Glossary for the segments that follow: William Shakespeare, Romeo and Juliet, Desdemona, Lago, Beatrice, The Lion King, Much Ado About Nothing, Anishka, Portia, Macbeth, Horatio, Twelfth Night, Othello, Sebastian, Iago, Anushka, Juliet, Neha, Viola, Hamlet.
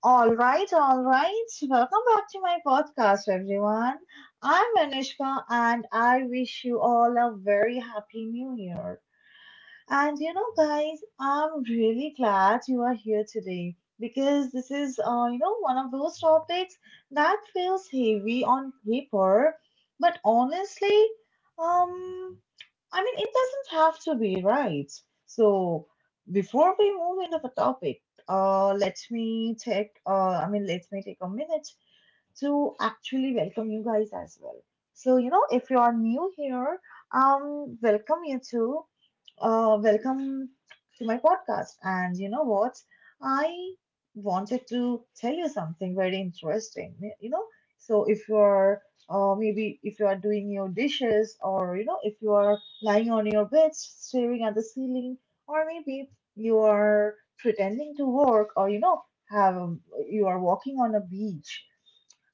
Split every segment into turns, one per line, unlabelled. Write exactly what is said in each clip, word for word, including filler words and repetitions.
All right, all right. Welcome back to my podcast, everyone. I'm Anishka, and I wish you all a very happy new year. And you know, guys, I'm really glad you are here today because this is, uh, you know, one of those topics that feels heavy on paper, but honestly, um, I mean, it doesn't have to be, right? So, before we move into the topic, uh, let me take, uh, I mean, let me take a minute to actually welcome you guys as well. So, you know, if you are new here, um, welcome you to, uh, welcome to my podcast. And you know what? I wanted to tell you something very interesting. Y- You know, so if you are, uh, maybe if you are doing your dishes, or you know, if you are lying on your bed staring at the ceiling, or maybe you are pretending to work, or you know, have you are walking on a beach.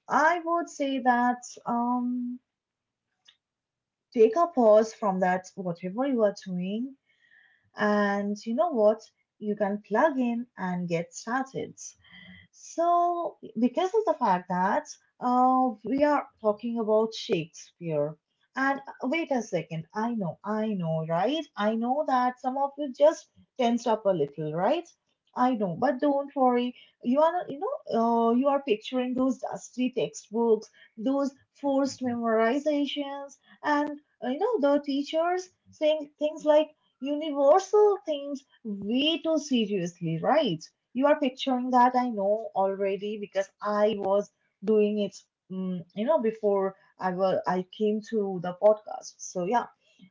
I would say that um, take a pause from that, whatever you are doing, and you know what? You can plug in and get started. So, because of the fact that uh, we are talking about Shakespeare, and uh, wait a second, I know, I know, right? I know that some of you just tensed up a little, right? I know, but don't worry. You are, you know, uh, you are picturing those dusty textbooks, those forced memorizations, and uh, you know the teachers saying things like universal themes way too seriously, right? You are picturing that, I know already, because I was doing it, mm, you know, before I was I came to the podcast. So yeah,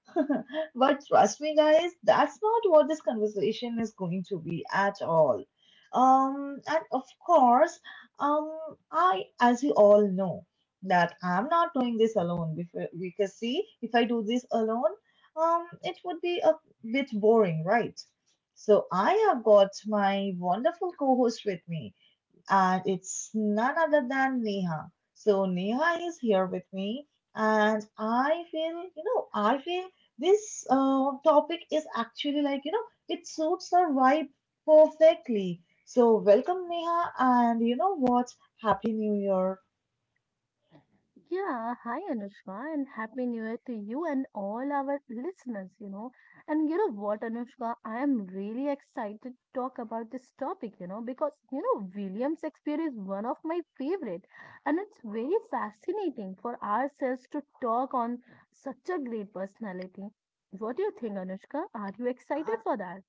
but trust me, guys, that's not what this conversation is going to be at all. Um, and of course, um, I, as you all know, that I'm not doing this alone. Before, because see, if I do this alone, um, it would be a bit boring, right? So I have got my wonderful co-host with me, and it's none other than Neha. So Neha is here with me, and I feel, you know, I feel this uh, topic is actually, like, you know, it suits our vibe perfectly. So welcome Neha, and you know what? Happy New Year.
Yeah, hi Anushka, and happy new year to you and all our listeners, you know. And you know what, Anushka, I am really excited to talk about this topic, you know, because you know, William Shakespeare is one of my favorite, and it's very fascinating for ourselves to talk on such a great personality. What do you think, Anushka? Are you excited for that?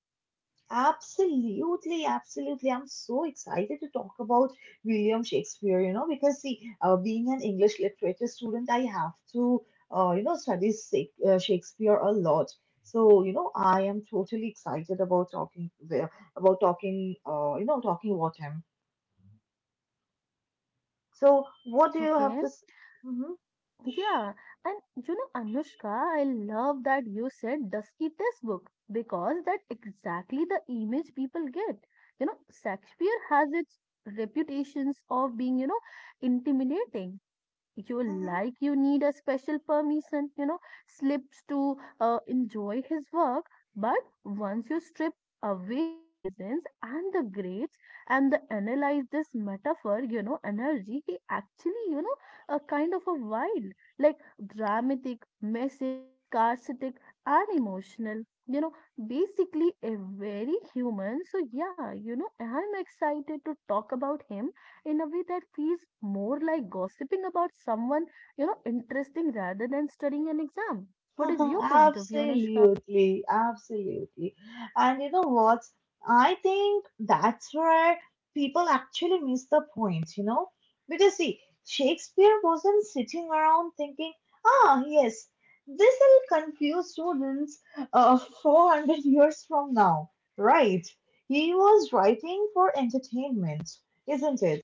Absolutely, absolutely. I'm so excited to talk about William Shakespeare, you know, because see, uh, being an English literature student, I have to, uh, you know, study Shak- uh, Shakespeare a lot. So, you know, I am totally excited about talking there, about talking, uh, you know, talking about him. So, what do you have
Okay.
to? s- Mhm,
Yeah, and you know, Anushka, I love that you said Dusky Textbook because that's exactly the image people get. You know, Shakespeare has its reputations of being, you know, intimidating, you
mhm.
like you need a special permission you know slips to uh, enjoy his work, but once you strip away the presence and the grades and the analyze this metaphor, you know energy, he actually, you know a kind of a wild, like dramatic messic scarcetic and emotional, you know basically a very human. So yeah, you know I'm excited to talk about him in a way that feels more like gossiping about someone, you know, interesting rather than studying an exam. What is your point of view, Anushka?
Absolutely, absolutely. And you know what? I think that's where people actually miss the point, you know? Because see, Shakespeare wasn't sitting around thinking, ah, yes, this will confuse students uh, four hundred years from now, right? He was writing for entertainment, isn't it?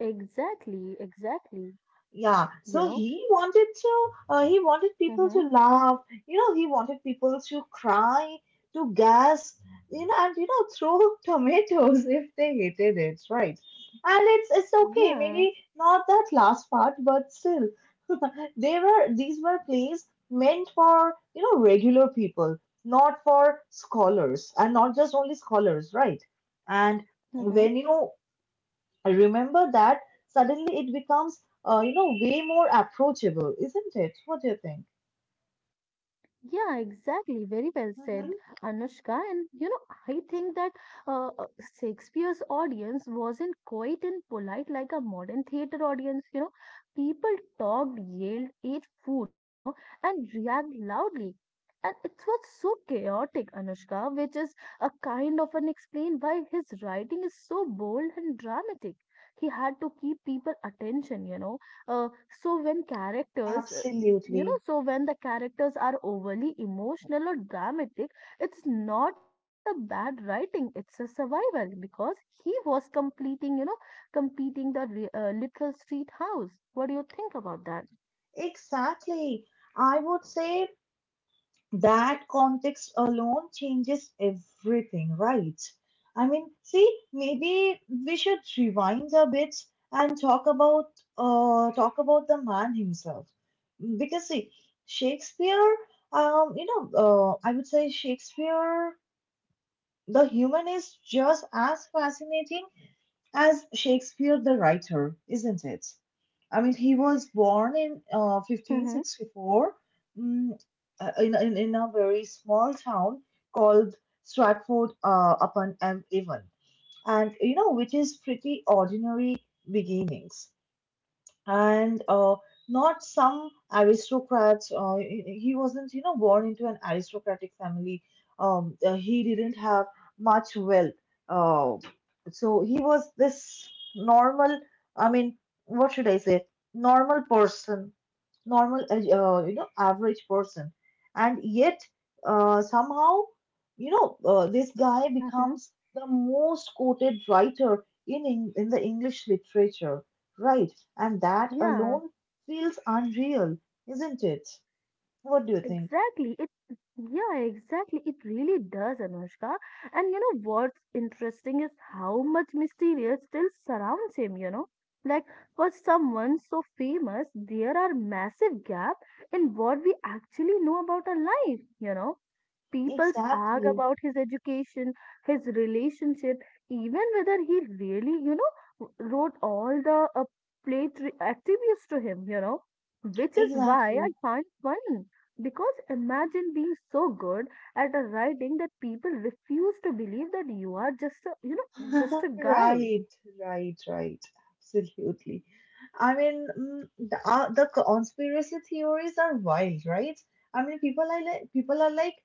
Exactly, exactly.
Yeah,
You
so
know?
he wanted to, uh, he wanted people
Mm-hmm.
to laugh, you know, he wanted people to cry, to gasp, you know, and you know, throw tomatoes if they hated it, right? And it's it's okay,
Yeah.
maybe not that last part, but still, they were these were plays meant for, you know, regular people, not for scholars, and not just only scholars, right? And
Mm-hmm.
when you I remember that suddenly it becomes, uh, you know, way more approachable, isn't it? What do you think?
Yeah, exactly. Very well said,
Hmm.
Anushka. And you know, I think that uh, uh, Shakespeare's audience wasn't quite and polite like a modern theater audience. You know, people talked, yelled, ate food, you know, and reacted loudly. And it was so chaotic, Anushka, which is a kind of an explain why his writing is so bold and dramatic. He had to keep people attention, you know uh, so when characters uh, you know
Absolutely.
so when the characters are overly emotional or dramatic, it's not a bad writing, it's a survival, because he was completing you know completing the re- uh, literal street house. What do you think about that?
Exactly. I would say that context alone changes everything, right? I mean, see, maybe we should rewind a bit and talk about uh talk about the man himself. Because see, Shakespeare, um, you know, uh, I would say Shakespeare the human is just as fascinating as Shakespeare the writer, isn't it? I mean, he was born in uh,
Mm-hmm.
fifteen sixty-four, mm, uh, in, in, in a very small town called Stratford uh, upon Avon, and you know, which is pretty ordinary beginnings, and uh, not some aristocrats. Uh, he wasn't, you know, born into an aristocratic family. Um, uh, he didn't have much wealth. Uh, so he was this normal, I mean, what should I say, normal person normal uh, uh, you know, average person, and yet uh, somehow, you know, uh, this guy
Mm-hmm.
becomes the most quoted writer in, in in the english literature, right? And that
Yeah.
alone feels unreal, isn't it? What do you think?
Exactly. It yeah, exactly. It really does, Anushka. And you know what's interesting is how much mysterious still surrounds him, you know? Like for someone so famous, there are massive gap in what we actually know about our life, you know? People's argue
Exactly,
about his education, his relationship, even whether he really, you know, w- wrote all the uh, play tri- attributes to him, you know, which is why I
exactly.
find funny. Because imagine being so good at a writing that people refuse to believe that you are just a, you know, just a guy.
Right, right, right. Absolutely. I mean, mm, the, uh, the conspiracy theories are wild, right? I mean, people are like, people are like,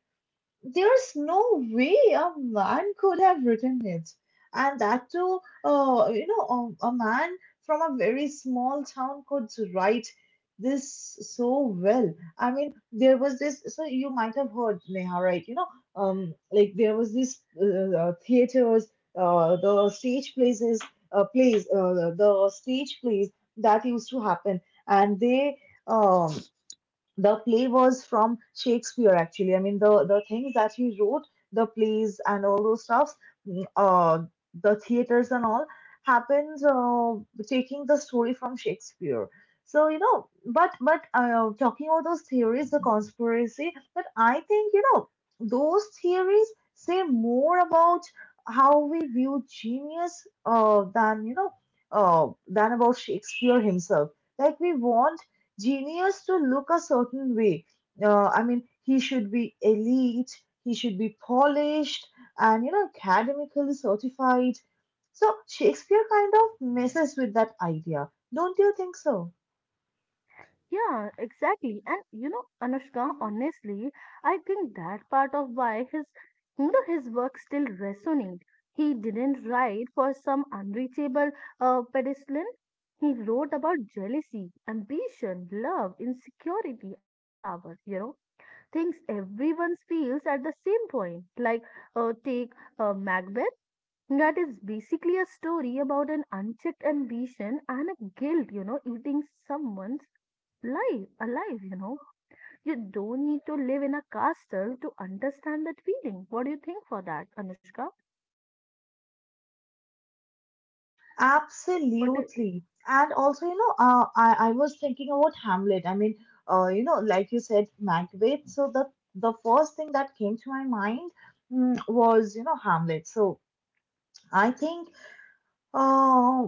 there's no way a man could have written it, and that too, uh, you know, a, a man from a very small town could write this so well. I mean, there was this. So you might have heard, Neha, right? You know, um, like there was this uh, uh, theaters, uh, the stage places, uh, plays, uh, the the stage plays that used to happen, and they um the play was from Shakespeare actually. I mean the the things that he wrote, the plays and all those stuffs, mm, uh, the theaters and all happened uh, taking the story from Shakespeare. So you know, but but uh, talking about those theories, the conspiracy, but I think you know those theories say more about how we view genius uh, than you know uh, than about Shakespeare himself. Like we want genius to look a certain way. Uh, I mean, he should be elite, he should be polished, and you know, academically certified. So Shakespeare kind of messes with that idea. Don't you think so?
Yeah, exactly. And you know, Anushka,
Hmm.
honestly, I think that part of why his, you know his work still resonate. He didn't write for some unreachable uh, pedestal. He wrote about jealousy, ambition, love, insecurity, and a power. You know, things everyone feels at the same point. Like uh, take uh, Macbeth. That is basically a story about an unchecked ambition and a guilt, you know, eating someone's life alive, you know, you don't need to live in a castle to understand that feeling. What do you think for that, Anushka? what i-
Absolutely. And also, you know, uh, I, I was thinking about Hamlet. I mean, uh, you know, like you said, Macbeth. So the the first thing that came to my mind, mm, was, you know, Hamlet. So I think, uh,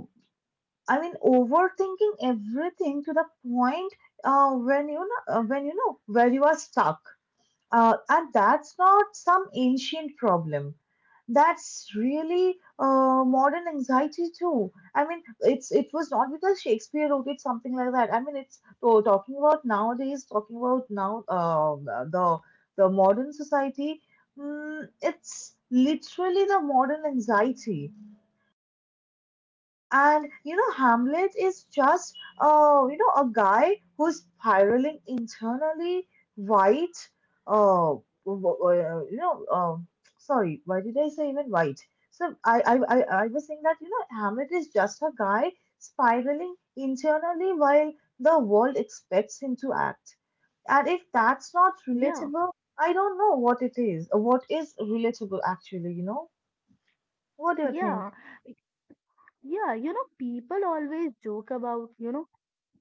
I mean, overthinking everything to the point uh, when you know, uh, when you know where you are stuck. Uh, and that's not some ancient problem. That's really uh, modern anxiety too. I mean, it's it was not because Shakespeare wrote it something like that. I mean, it's so talking about nowadays, talking about now, uh, the the modern society. Mm, it's literally the modern anxiety, and you know, Hamlet is just, uh, you know, a guy who's spiraling internally, white, uh, w- w- uh, you know, um, sorry, why did I say even white? So I, I, I, I was saying that, you know, Hamlet is just a guy spiraling internally while the world expects him to act. And if that's not
yeah
relatable, I don't know what it is, uh, what is relatable actually, you know? What do you think?
yeah yeah, you know, people always joke about, you know,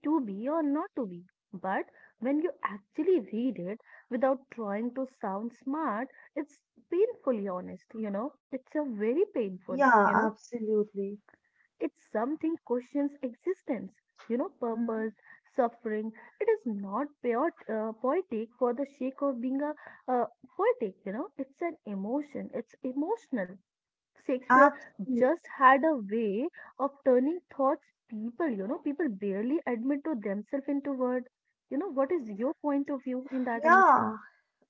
to be or not to be, but when you actually read it without trying to sound smart, it's painfully honest, you know. It's a very painful, you
Yeah,
know.
absolutely.
It's something questions existence, you know,
Mm-hmm.
purpose, suffering. It is not pure, uh, poetic for the sake of being a uh, poetic, you know. It's an emotion. It's emotional. Shakespeare
Absolutely.
just had a way of turning thoughts people, you know, people barely admit to themselves into words. You know, what is your point of view in that,
Yeah,
Anushka?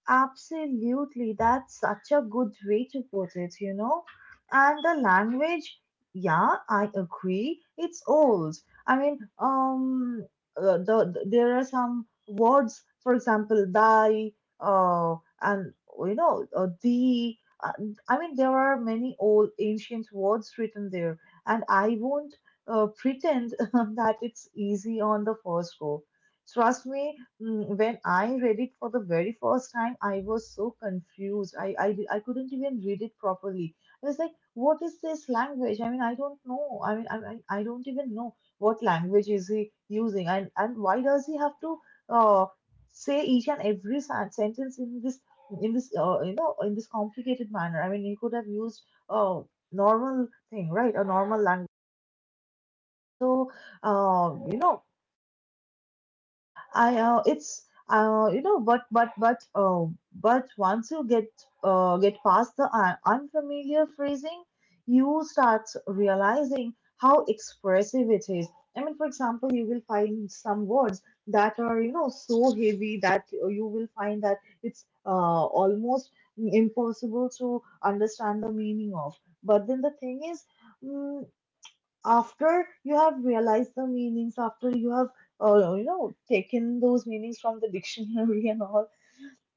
absolutely. That's such a good way to put it, you know. And the language, yeah, I agree. It's old. I mean, um, uh, the, the- there are some words, for example, thy, uh, and you know, uh, the. Uh, I mean, there are many old ancient words written there, and I won't uh, pretend that it's easy on the first go. Trust me, mm, when I read it for the very first time, I was so confused. I, I, I couldn't even read it properly. I was like, what is this language? I mean, I don't know. I mean, I, I, I don't even know what language is he using, and, and why does he have to uh, say each and every sen- sentence in this in this uh, you know in this complicated manner? I mean, he could have used a normal thing, right? A normal language. So, uh, you know. I uh, it's uh, you know but but but uh, but once you get uh, get past the un- unfamiliar phrasing, you start realizing how expressive it is. I mean, for example, you will find some words that are, you know, so heavy that you will find that it's uh, almost impossible to understand the meaning of. But then the thing is, mm, after you have realized the meanings, after you have uh, you know taken those meanings from the dictionary and all,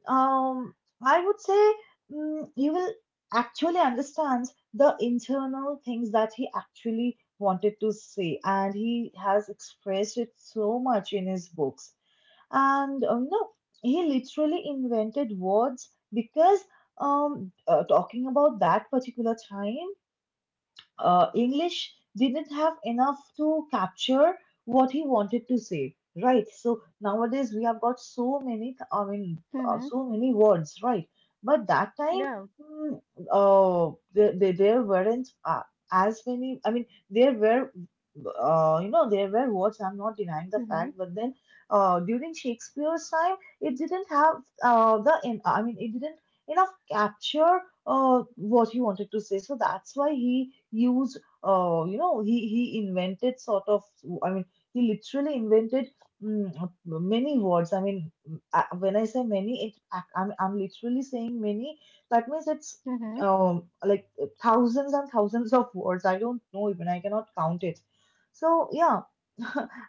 um, I would say, mm, you will actually understand the internal things that he actually wanted to say, and he has expressed it so much in his books. And uh, you know, he literally invented words because um, uh, talking about that particular time, uh, English didn't have enough to capture what he wanted to say, right? So nowadays we have got so many, I mean, uh,
Mm-hmm.
so many words, right? But that time,
Yeah.
mm, uh, there, there, there weren't uh, as many, I mean, there were, uh, you know, there were words, I'm not denying the
Mm-hmm.
fact, but then uh, during Shakespeare's time, it didn't have uh, the, en- I mean, it didn't enough capture uh, what he wanted to say. So that's why he used, uh, you know, he he invented sort of. I mean, he literally invented, mm, many words. I mean, I, when I say many, it I, I'm I'm literally saying many. That means it's
Mm-hmm.
um like thousands and thousands of words. I don't know, even I cannot count it. So yeah.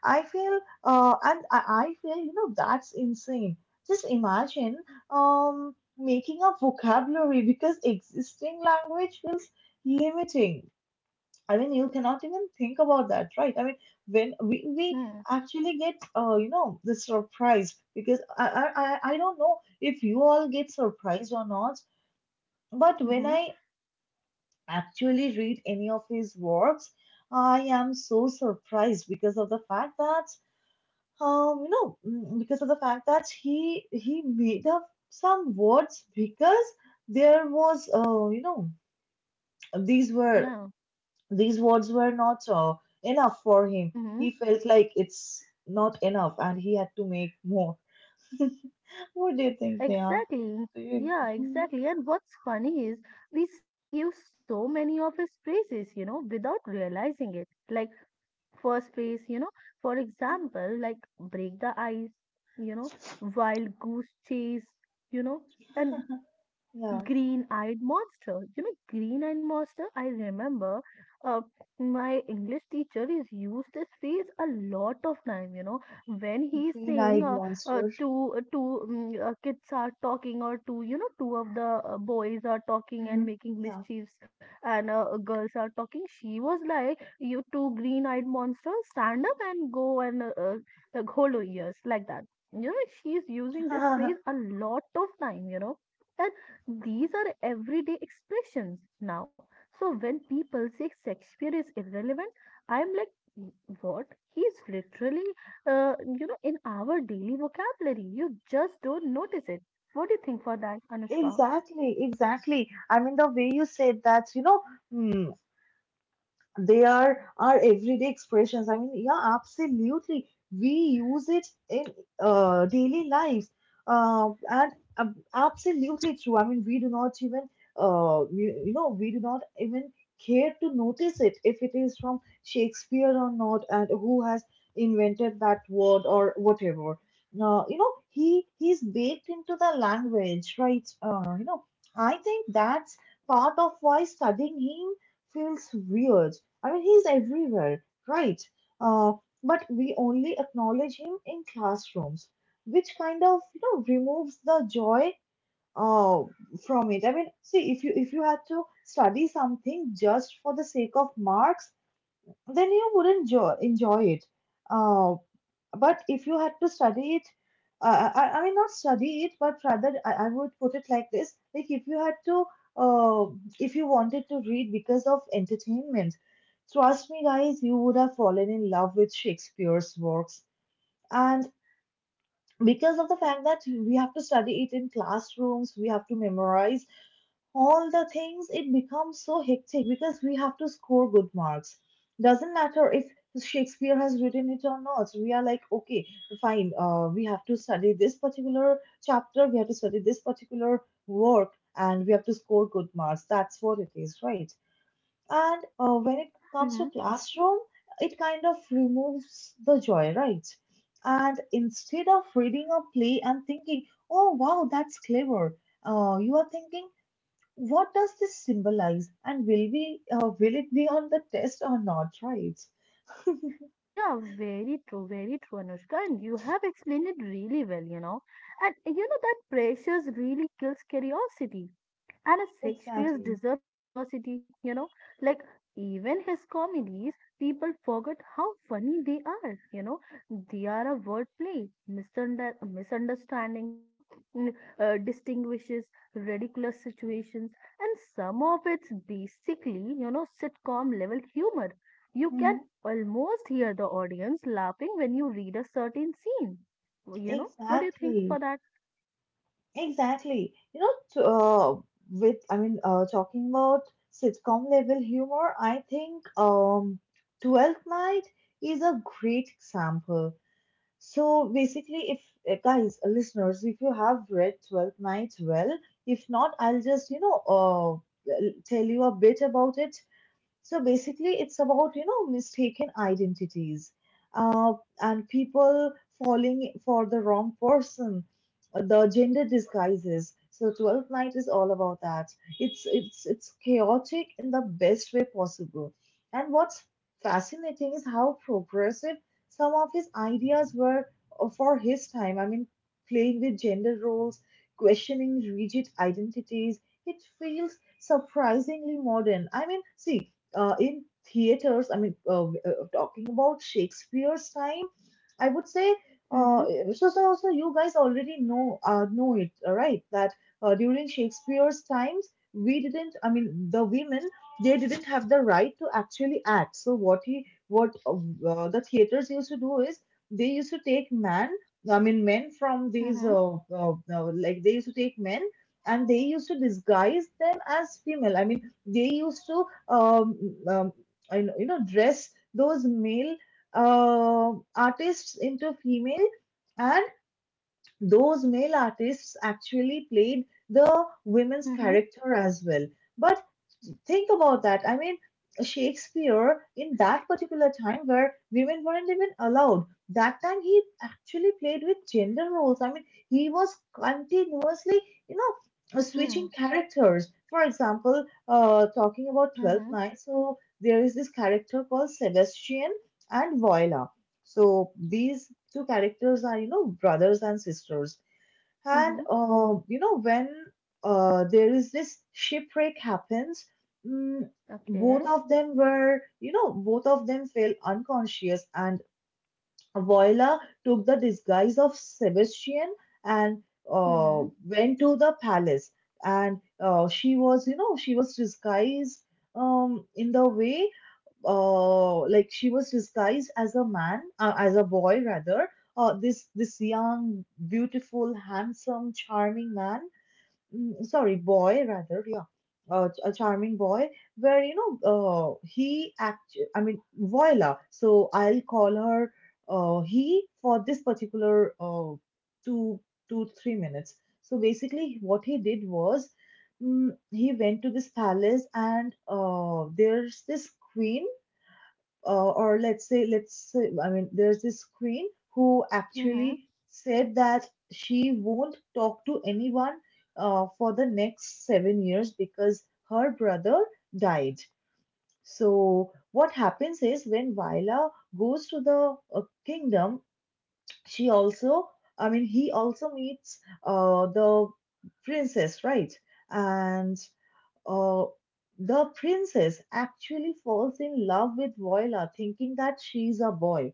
I feel, uh, and I, I feel, you know, that's insane. Just imagine, um, making up vocabulary because existing language feels limiting. I mean, you cannot even think about that, right? I mean, when we, we actually get, uh, you know, the surprise because I, I, I I don't know if you all get surprised or not, but when
Mm-hmm.
I actually read any of his works, I am so surprised because of the fact that um, you know, mm, because of the fact that he he made up some words because there was, uh, you know, these were
Yeah.
these words were not uh, enough for him.
Mm-hmm.
He felt like it's not enough, and he had to make more. What do you think, Neha?
Exactly.
Do you?
Yeah,
Mhm,
exactly. And what's funny is we still use so many of his phrases, you know, without realizing it. Like first phrase, you know, for example, like break the ice, you know,
mhm.
wild goose chase, you know, and
Yeah,
Green Eyed Monster. You know, Green Eyed Monster, I remember uh, my English teacher is used this phrase a lot of time, you know, when he's saying
green-eyed
uh, uh,
monster.
two, uh, two mm, uh, kids are talking, or two, you know, two of the uh, boys are talking and
Hmm.
making
Yeah.
mischiefs, and uh, girls are talking. She was like, you two green eyed monsters, stand up and go and uh, uh, like, hold your ears like that. You know, she's using this phrase a lot of time, you know. These are everyday expressions now. So when people say Shakespeare is irrelevant, I'm like, "Mm, what? He's literally, uh, you know, in our daily vocabulary. You just don't notice it. What do you think for that, Anushka?
Exactly, exactly. I mean, the way you said that, you know, they are our everyday expressions. I mean, yeah, absolutely. We use it in uh, daily life, uh, and um, absolutely true. I mean, we do not even uh, you, you know we do not even care to notice it if it is from Shakespeare or not, and who has invented that word or whatever. Now, you know, he he's baked into the language, right? Uh, you know, I think that's part of why studying him feels weird. I mean, he's everywhere, right? Uh, but we only acknowledge him in classrooms, which kind of you know removes the joy uh, from it. I mean, see, if you if you had to study something just for the sake of marks, then you wouldn't jo- enjoy it. Uh, but if you had to study it, uh, I, I mean, not study it, but rather I, I would put it like this: like if you had to, uh, if you wanted to read because of entertainment, trust me, guys, you would have fallen in love with Shakespeare's works. And because of the fact that we have to study it in classrooms, we have to memorize all the things, it becomes so hectic because we have to score good marks. Doesn't matter if Shakespeare has written it or not. We are like, okay, fine, uh, we have to study this particular chapter, we have to study this particular work, and we have to score good marks. That's what it is, right? And uh, when it comes to
Hmm.
classroom, it kind of removes the joy, right? And instead of reading a play and thinking, oh wow, that's clever, uh, you are thinking, what does this symbolize, and will we uh, will it be on the test or not? Right?
Yeah, very true, very true, Anushka. And you have explained it really well, you know. And you know that pressures really kills curiosity, and a Shakespeare's
Exactly.
deserved curiosity, you know, like even his comedies, people forget how funny they are, you know. They are a wordplay, misunder- misunderstandings, you know, n- uh, distinguishes ridiculous situations, and some of it's basically, you know, sitcom level humor. You can
Hmm.
almost hear the audience laughing when you read a certain scene. You know, what do you think
Exactly,
for that?
exactly. You know, t- uh, with I mean, uh, talking about sitcom level humor, I think um, Twelfth Night is a great example. So basically, if uh, guys, uh, listeners, if you have read Twelfth Night well, if not, I'll just you know uh, l- tell you a bit about it. So basically, it's about you know mistaken identities, uh, and people falling for the wrong person, uh, the gender disguises. So Twelfth Night is all about that. It's it's it's chaotic in the best way possible. And what's fascinating is how progressive some of his ideas were uh, for his time. I mean, playing with gender roles, questioning rigid identities. It feels surprisingly modern. I mean, see, uh, in theaters, I mean, uh, w- uh, talking about Shakespeare's time, I would say, uh,
Mm-hmm.
so, so, so you guys already know uh, know it, uh, right? That uh, during Shakespeare's times, we didn't, I mean, the women, they didn't have the right to actually act. So what he, what uh, uh, the theaters used to do is they used to take man, I mean, men from these,
Mm-hmm.
uh, uh, uh, like they used to take men, and they used to disguise them as female. I mean, they used to um, um, I know- you know dress those male uh, artists into female, and those male artists actually played the women's
Mm-hmm.
character as well, but think about that. I mean, Shakespeare, in that particular time where women weren't even allowed, that time he actually played with gender roles. I mean, he was continuously, you know, switching
Hmm.
characters. For example, uh, talking about
Mm-hmm.
Twelfth Night, so there is this character called Sebastian and Viola. So these two characters are, you know, brothers and sisters. And
Mm-hmm.
uh, you know when uh, there is this shipwreck happens, mm,
Okay.
both of them were you know both of them fell unconscious, and Voila took the disguise of Sebastian and uh,
Mm-hmm.
went to the palace, and uh, she was you know she was disguised um, in the way uh, like she was disguised as a man, uh, as a boy rather. Uh, this this young, beautiful, handsome, charming man. Mm, sorry, boy rather. Yeah, uh, a charming boy. Where you know, uh, he act. I mean, voila. So I'll call her uh, he for this particular uh, two two three minutes. So basically, what he did was. Mm, he went to this palace, and uh, there's this queen uh, or let's say let's say, I mean there's this queen who
Mm-hmm.
actually said that she won't talk to anyone uh, for the next seven years because her brother died. So what happens is when Vaila goes to the uh, kingdom, she also i mean he also meets uh, the princess, right? And uh, the princess actually falls in love with Voila, thinking that she's a boy.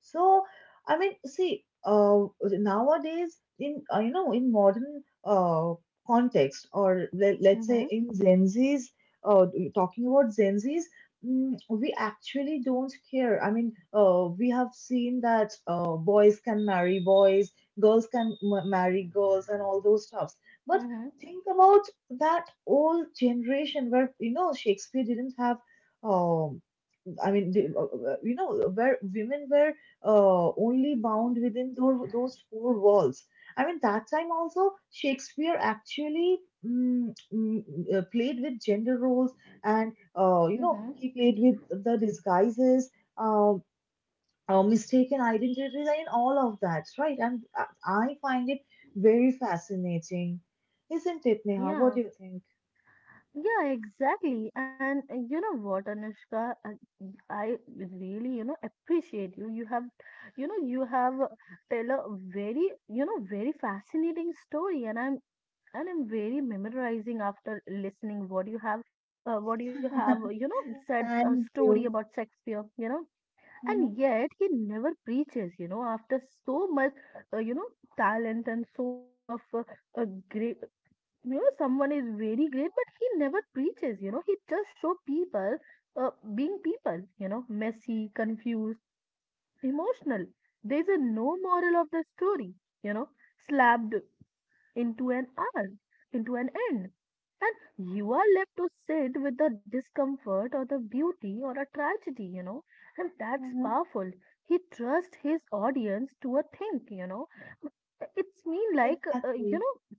So, I mean, see, uh, nowadays in uh, you know in modern uh, context, or let, let's
Mm-hmm.
say in Gen Z's, uh, talking about Gen Z's, mm, we actually don't care. I mean, uh, we have seen that uh, boys can marry boys, girls can m- marry girls, and all those stuffs. But
Mm-hmm.
think about that old generation where you know Shakespeare didn't have. um. I mean, they, uh, uh, you know, where women were uh, only bound within those, those four walls. I mean, that time also, Shakespeare actually mm, mm, uh, played with gender roles, and uh, you
Mm-hmm.
know, he played with the disguises, uh, uh, mistaken identities, and all of that, right? And I I find it very fascinating. Isn't it, Neha? What
Yeah.
do you think?
Yeah, exactly. And uh, you know what, Anushka, I, I really, you know, appreciate you. You have, you know, you have uh, tell a very, you know, very fascinating story, and I'm and I'm very memorizing after listening what you have, uh, what you have, uh, you know, said a
Thank
story
you.
about Shakespeare. You know,
Mhm,
and yet he never preaches, you know, after so much, uh, you know, talent and so much of, uh, a great, you know, someone is very great, but he never preaches, you know. He just show people uh, being people, you know, messy, confused, emotional. There's a no moral of the story, you know, slapped into an hour, into an end, and you are left to sit with the discomfort or the beauty or a tragedy, you know, and that's
mhm.
powerful. He trusts his audience to a thing, you know. It's mean like uh, you
Exactly.
know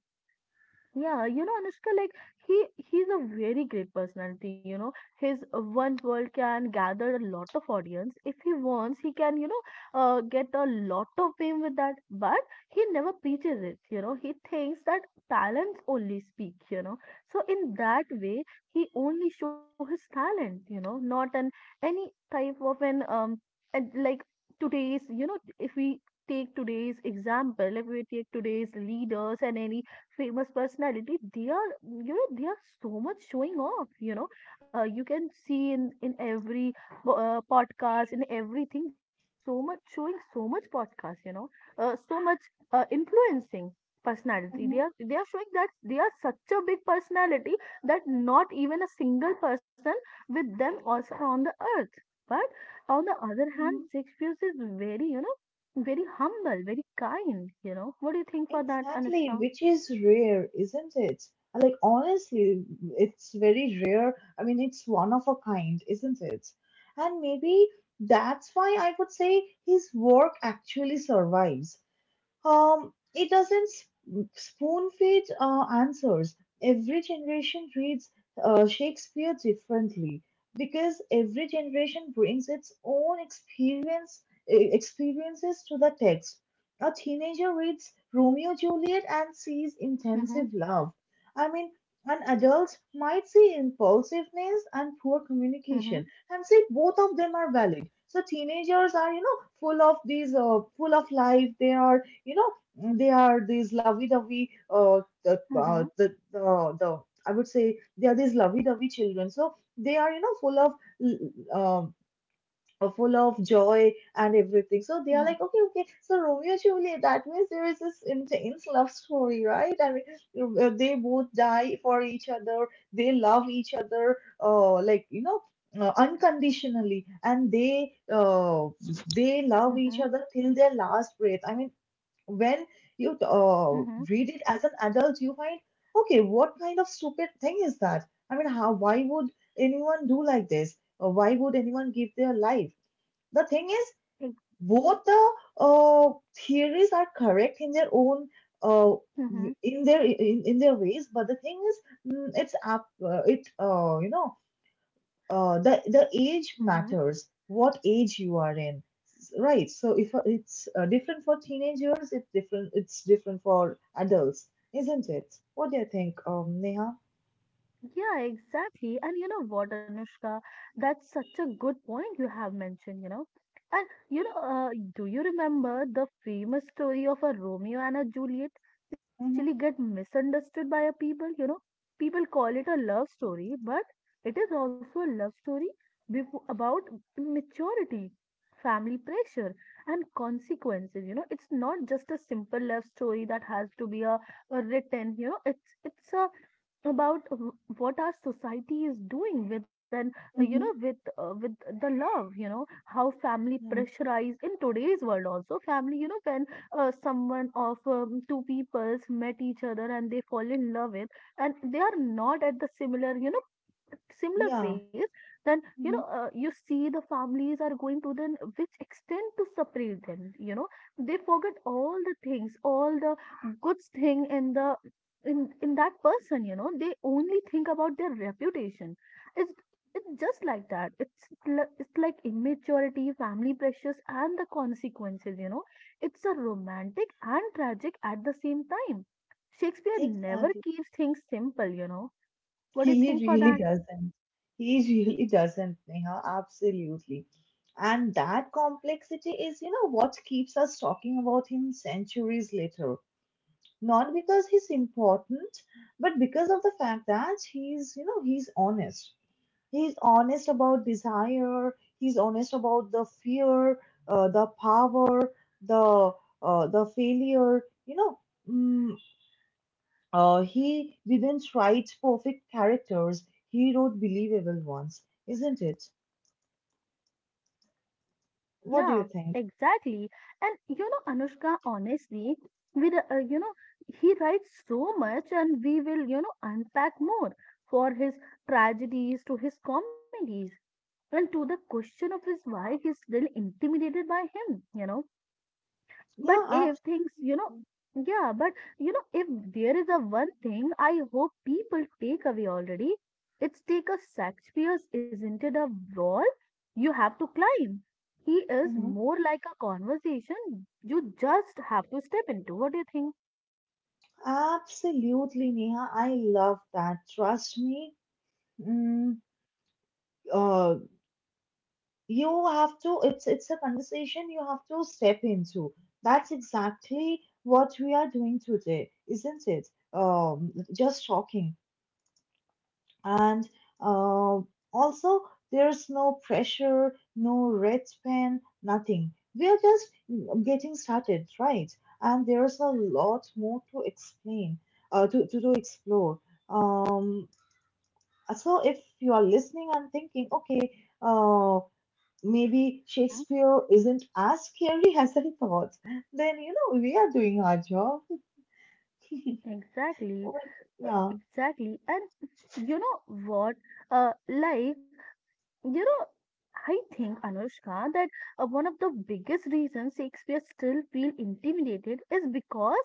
Yeah, you know, Anushka, like he he's a very great personality, you know. His uh, One World can gather a lot of audience. If he wants, he can, you know, uh, get a lot of fame with that. But he never preaches it, you know. He thinks that talents only speak, you know. So in that way, he only show his talent, you know, not an any type of an um, and like today's, you know, if we take today's example, if we take today's leaders and any famous personality, they are, you know, they are so much showing off, you know. Uh, you can see in in every po- uh, podcast, in everything they are so much showing so much podcast, you know, uh, so much uh, influencing personality,
Mm-hmm.
they are, they are showing that they are such a big personality that not even a single person with them also on the earth. But on the other hand,
Mhm.
Shakespeare is very, you know, very humble, very kind, you know. What do you think for that,
Exactly,
Anushka?
which is rare, isn't it? Like, honestly, it's very rare. I mean, it's one of a kind, isn't it? And maybe that's why I would say his work actually survives. Um, it doesn't sp- spoon feed uh, answers. Every generation reads uh, Shakespeare differently because every generation brings its own experience e- experiences to the text. A teenager reads Romeo and Juliet and sees
Hmm.
intensive love. I mean, an adult might see impulsiveness and poor
Mhm.
communication and say both of them are valid. So teenagers are, you know, full of these, uh, full of life. They are you know mm, they are these lovey-dovey uh, the, uh,
mhm,
the the the I would say they are these lovey-dovey children, so they are you know full of um uh, full of joy and everything. So they are
mm,
like okay okay, so Romeo and Juliet, that means there is this intense love story, right? I mean, uh, they both die for each other, they love each other uh, like you know uh, unconditionally, and they uh, they love each
mhm,
other till their last breath. I mean, when you uh,
mhm,
read it as an adult, you find, okay, what kind of stupid thing is that? I mean, how, why would anyone do like this? Or why would anyone give their life? The thing is,
ex
both the uh, theories are correct in their own, uh, w-
mhm,
in their in, in their ways, but the thing is, mm, it's up, uh, it uh, you know uh, the the age
mhm.
matters, what age you are in. S- right, so if uh, it's uh, different for teenagers, it's different it's different for adults, isn't it? What do you think, um Neha?
Yeah, exactly. And you know what, Anushka, that's such a good point you have mentioned, you know. And you know, uh, do you remember the famous story of a Romeo and a Juliet,
Mm-hmm.
especially get misunderstood by a people, you know? People call it a love story, but it is also a love story before, about maturity, family pressure, and consequences. You know, it's not just a simple love story that has to be a, a written, you know. It's it's a about w- what our society is doing with an, uh, you know,
Mm-hmm.
with uh, with the love, you know, how family
Yeah.
pressurize. In today's world also family, you know, when uh, someone of um, two peoples met each other and they fall in love with, and they are not at the similar, you know, similar
Yeah.
phase, then you know,
Mm-hmm.
uh, you see the families are going to then which extent to separate them, you know. They forget all the things, all the good thing in the, in in that person, you know, they only think about their reputation. It's it's just like that. It's li- it's like immaturity, family pressures, and the consequences, you know. It's a romantic and tragic at the same time. Shakespeare never
Exactly.
keeps things simple, you know. What do you
he
think for
really
that?
doesn't he really doesn't, Neha. Absolutely. And that complexity is you know what keeps us talking about him centuries later, not because he's important, but because of the fact that he's, you know, he's honest. He's honest about desire. He's honest about the fear, uh, the power, the uh, the failure. You know, mm, uh, he didn't write perfect characters. He wrote believable ones, isn't it? What do you
Yeah,
think?
exactly. And you know, Anushka, honestly, with uh, uh, you know, he writes so much, and we will, you know, unpack more for his tragedies to his comedies and to the question of his why he's still intimidated by him, you know but
Yeah,
if
absolutely.
things you know yeah but you know if There is a one thing I hope people take away already. It's take a Shakespeare's isn't it a wall you have to climb. He is
Mhm.
more like a conversation you just have to step into. What do you think?
Absolutely, Neha. I love that. Trust me. Mm, uh, you have to it's it's a conversation you have to step into. That's exactly what we are doing today, isn't it? Um just talking, and uh, also there's no pressure, no red pen, nothing. We are just getting started, right? And there's a lot more to explain, uh, to, to, to explore. um so if you are listening and thinking, okay, uh, maybe
Mm-hmm.
Shakespeare isn't as scary as I thought. Then, you know, we are doing our job.
Exactly,
But,
uh,
yeah.
exactly. And you know what? Uh, life. You know, I think, Anushka, that uh, one of the biggest reasons Shakespeare still feel intimidated is because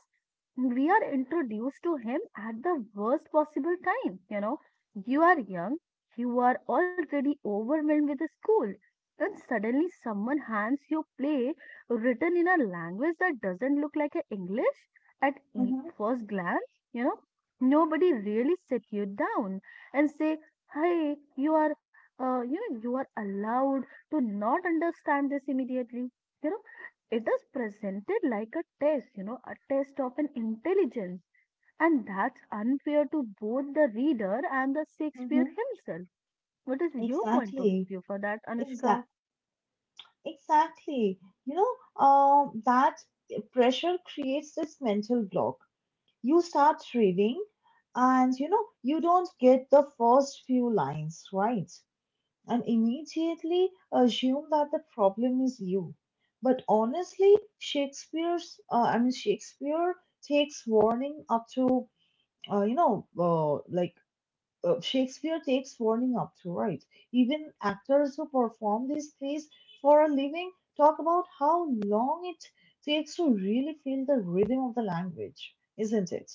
we are introduced to him at the worst possible time. You know, you are young, you are already overwhelmed with the school, and suddenly someone hands you play written in a language that doesn't look like a English at e-
Mm-hmm.
first glance. You know, nobody really sit you down and say, "Hey, you are uh, you know you are allowed to not understand this immediately you know it is presented like a test you know a test of an intelligence and that's unfair to both the reader and the Shakespeare
Mm-hmm.
himself. What is your point of view
Exactly.
for that, Anushka?
Exactly. Exactly. You know, um, that pressure creates this mental block. You start reading, and you know, you don't get the first few lines right, and immediately assume that the problem is you. But honestly, Shakespeare's, uh, I mean, Shakespeare takes warning up to, uh, you know, uh, like uh, Shakespeare takes warning up to, right? Even actors who perform these plays for a living talk about how long it takes to really feel the rhythm of the language, isn't it?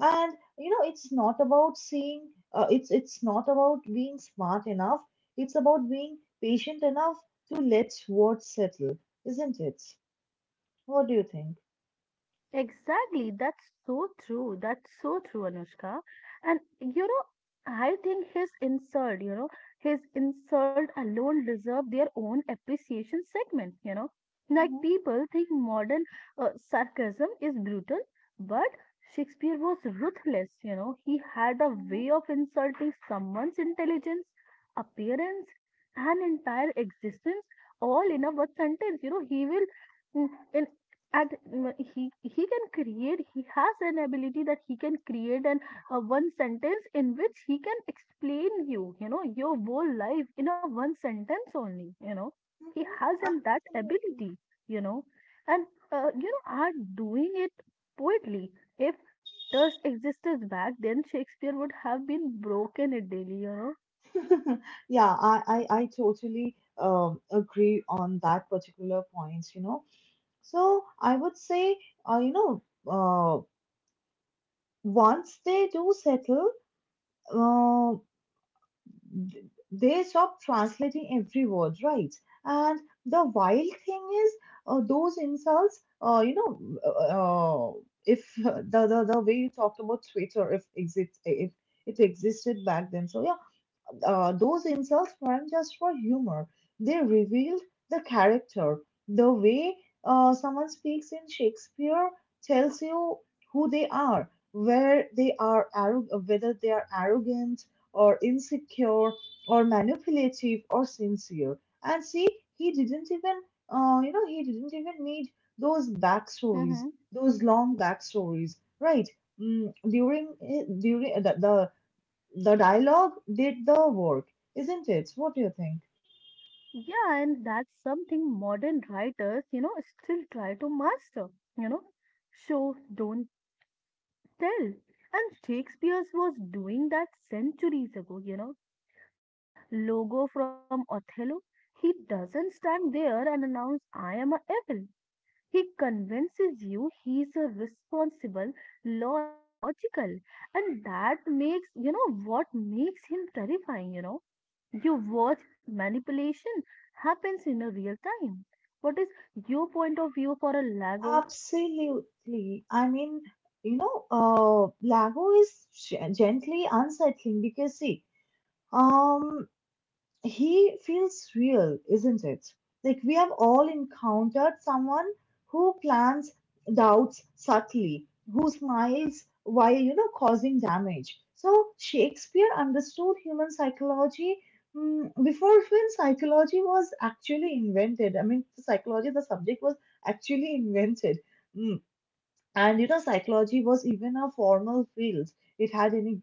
And you know, it's not about seeing. Uh, it's it's not about being smart enough. It's about being patient enough to let words settle, isn't it? What do you think?
Exactly. That's so true. That's so true, Anushka. And you know, I think his insult, you know, his insult alone deserve their own appreciation segment, you know. Like
Mm-hmm,
people think modern uh, sarcasm is brutal, but Shakespeare was ruthless, you know. He had a
mm-hmm,
way of insulting someone's intelligence, appearance, and entire existence all in a one sentence. You know, he will in in and mm, he he can create he has an ability that he can create an a one sentence in which he can explain you you know your whole life in a one sentence only, you know. He
mm-hmm.
has an that
Absolutely.
ability, you know. And uh, you know are doing it poetry if Twitter's existence back then Shakespeare would have been broken it daily, you know.
Yeah, I, I, I totally um, agree on that particular point, you know. So I would say, uh, you know, uh, once they do settle, uh, th- they stop translating every word, right? And the wild thing is, uh, those insults, uh, you know, uh, uh, if the, the the way you talked about Twitter, if exist if it existed back then, so yeah, uh, those insults weren't just for humor. They revealed the character. The way uh, someone speaks in Shakespeare tells you who they are, where they are arro- whether they are arrogant or insecure or manipulative or sincere. And see, he didn't even, uh, you know, he didn't even need those backstories,
Hmm.
those long backstories, right? Mm, during eh, during the, the the dialogue did the work, isn't it? What do you think?
Yeah, and that's something modern writers, you know, still try to master, you know, show, don't tell. And Shakespeare was doing that centuries ago, you know. Take Logo from Othello. He doesn't stand there and announce, I am a evil. He convinces you he's a responsible, loyal, logical. And that makes, you know, what makes him terrifying, you know, you watch manipulation happens in a real time. What is your point of view for a Lago?
Absolutely. I mean, you know, uh, Lago is g- gently unsettling because see, um, he feels real, isn't it? Like we have all encountered someone who plants doubts subtly, who smiles while you know causing damage. So Shakespeare understood human psychology mm, before even psychology was actually invented. I mean, psychology, the subject was actually invented. Mm, and you know psychology was even a formal field, it had any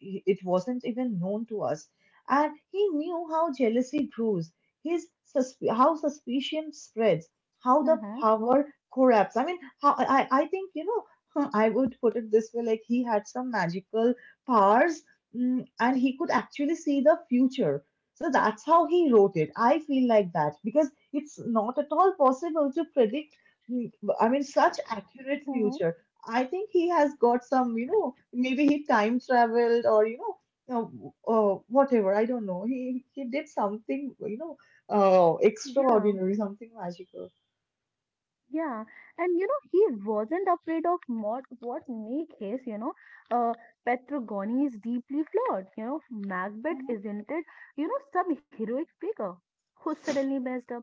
it wasn't even known to us. And he knew how jealousy grows, his susp- how suspicion spreads, how the
Hmm.
power corrupts. I mean, how, I, I think, you know, I would put it this way, like he had some magical powers. mm, and he could actually see the future, so that's how he wrote it. I feel like that because it's not at all possible to predict, Mm, I mean, such accurate
Hmm.
future. I think he has got some, you know, maybe he time traveled or, you know, uh, uh, whatever. I don't know. He he did something, you know, uh,
Yeah.
extraordinary, something magical.
Yeah, and you know, he wasn't afraid of what, what make his, you know, uh, Petrogony is deeply flawed. You know, Macbeth
Mhm.
isn't it, you know, some heroic figure who suddenly messed up.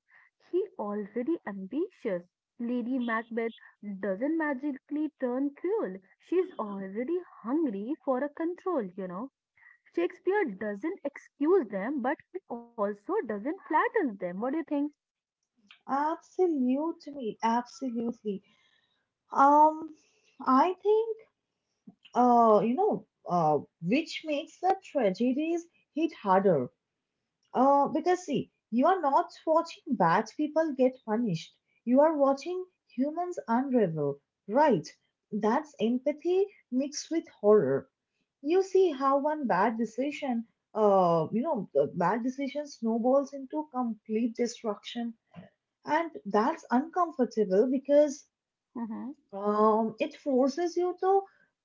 He already ambitious. Lady Macbeth doesn't magically turn cruel. She's already hungry for a control, you know. Shakespeare doesn't excuse them, but he also doesn't flatter them. What do you think?
Absolutely, absolutely. Um, I think, uh, you know, uh, which makes the tragedies hit harder. Uh, because see, you are not watching bad people get punished. You are watching humans unravel, right? That's empathy mixed with horror. You see how one bad decision, uh, you know, the bad decision snowballs into complete destruction, and that's uncomfortable because
Mm-hmm.
um, it forces you to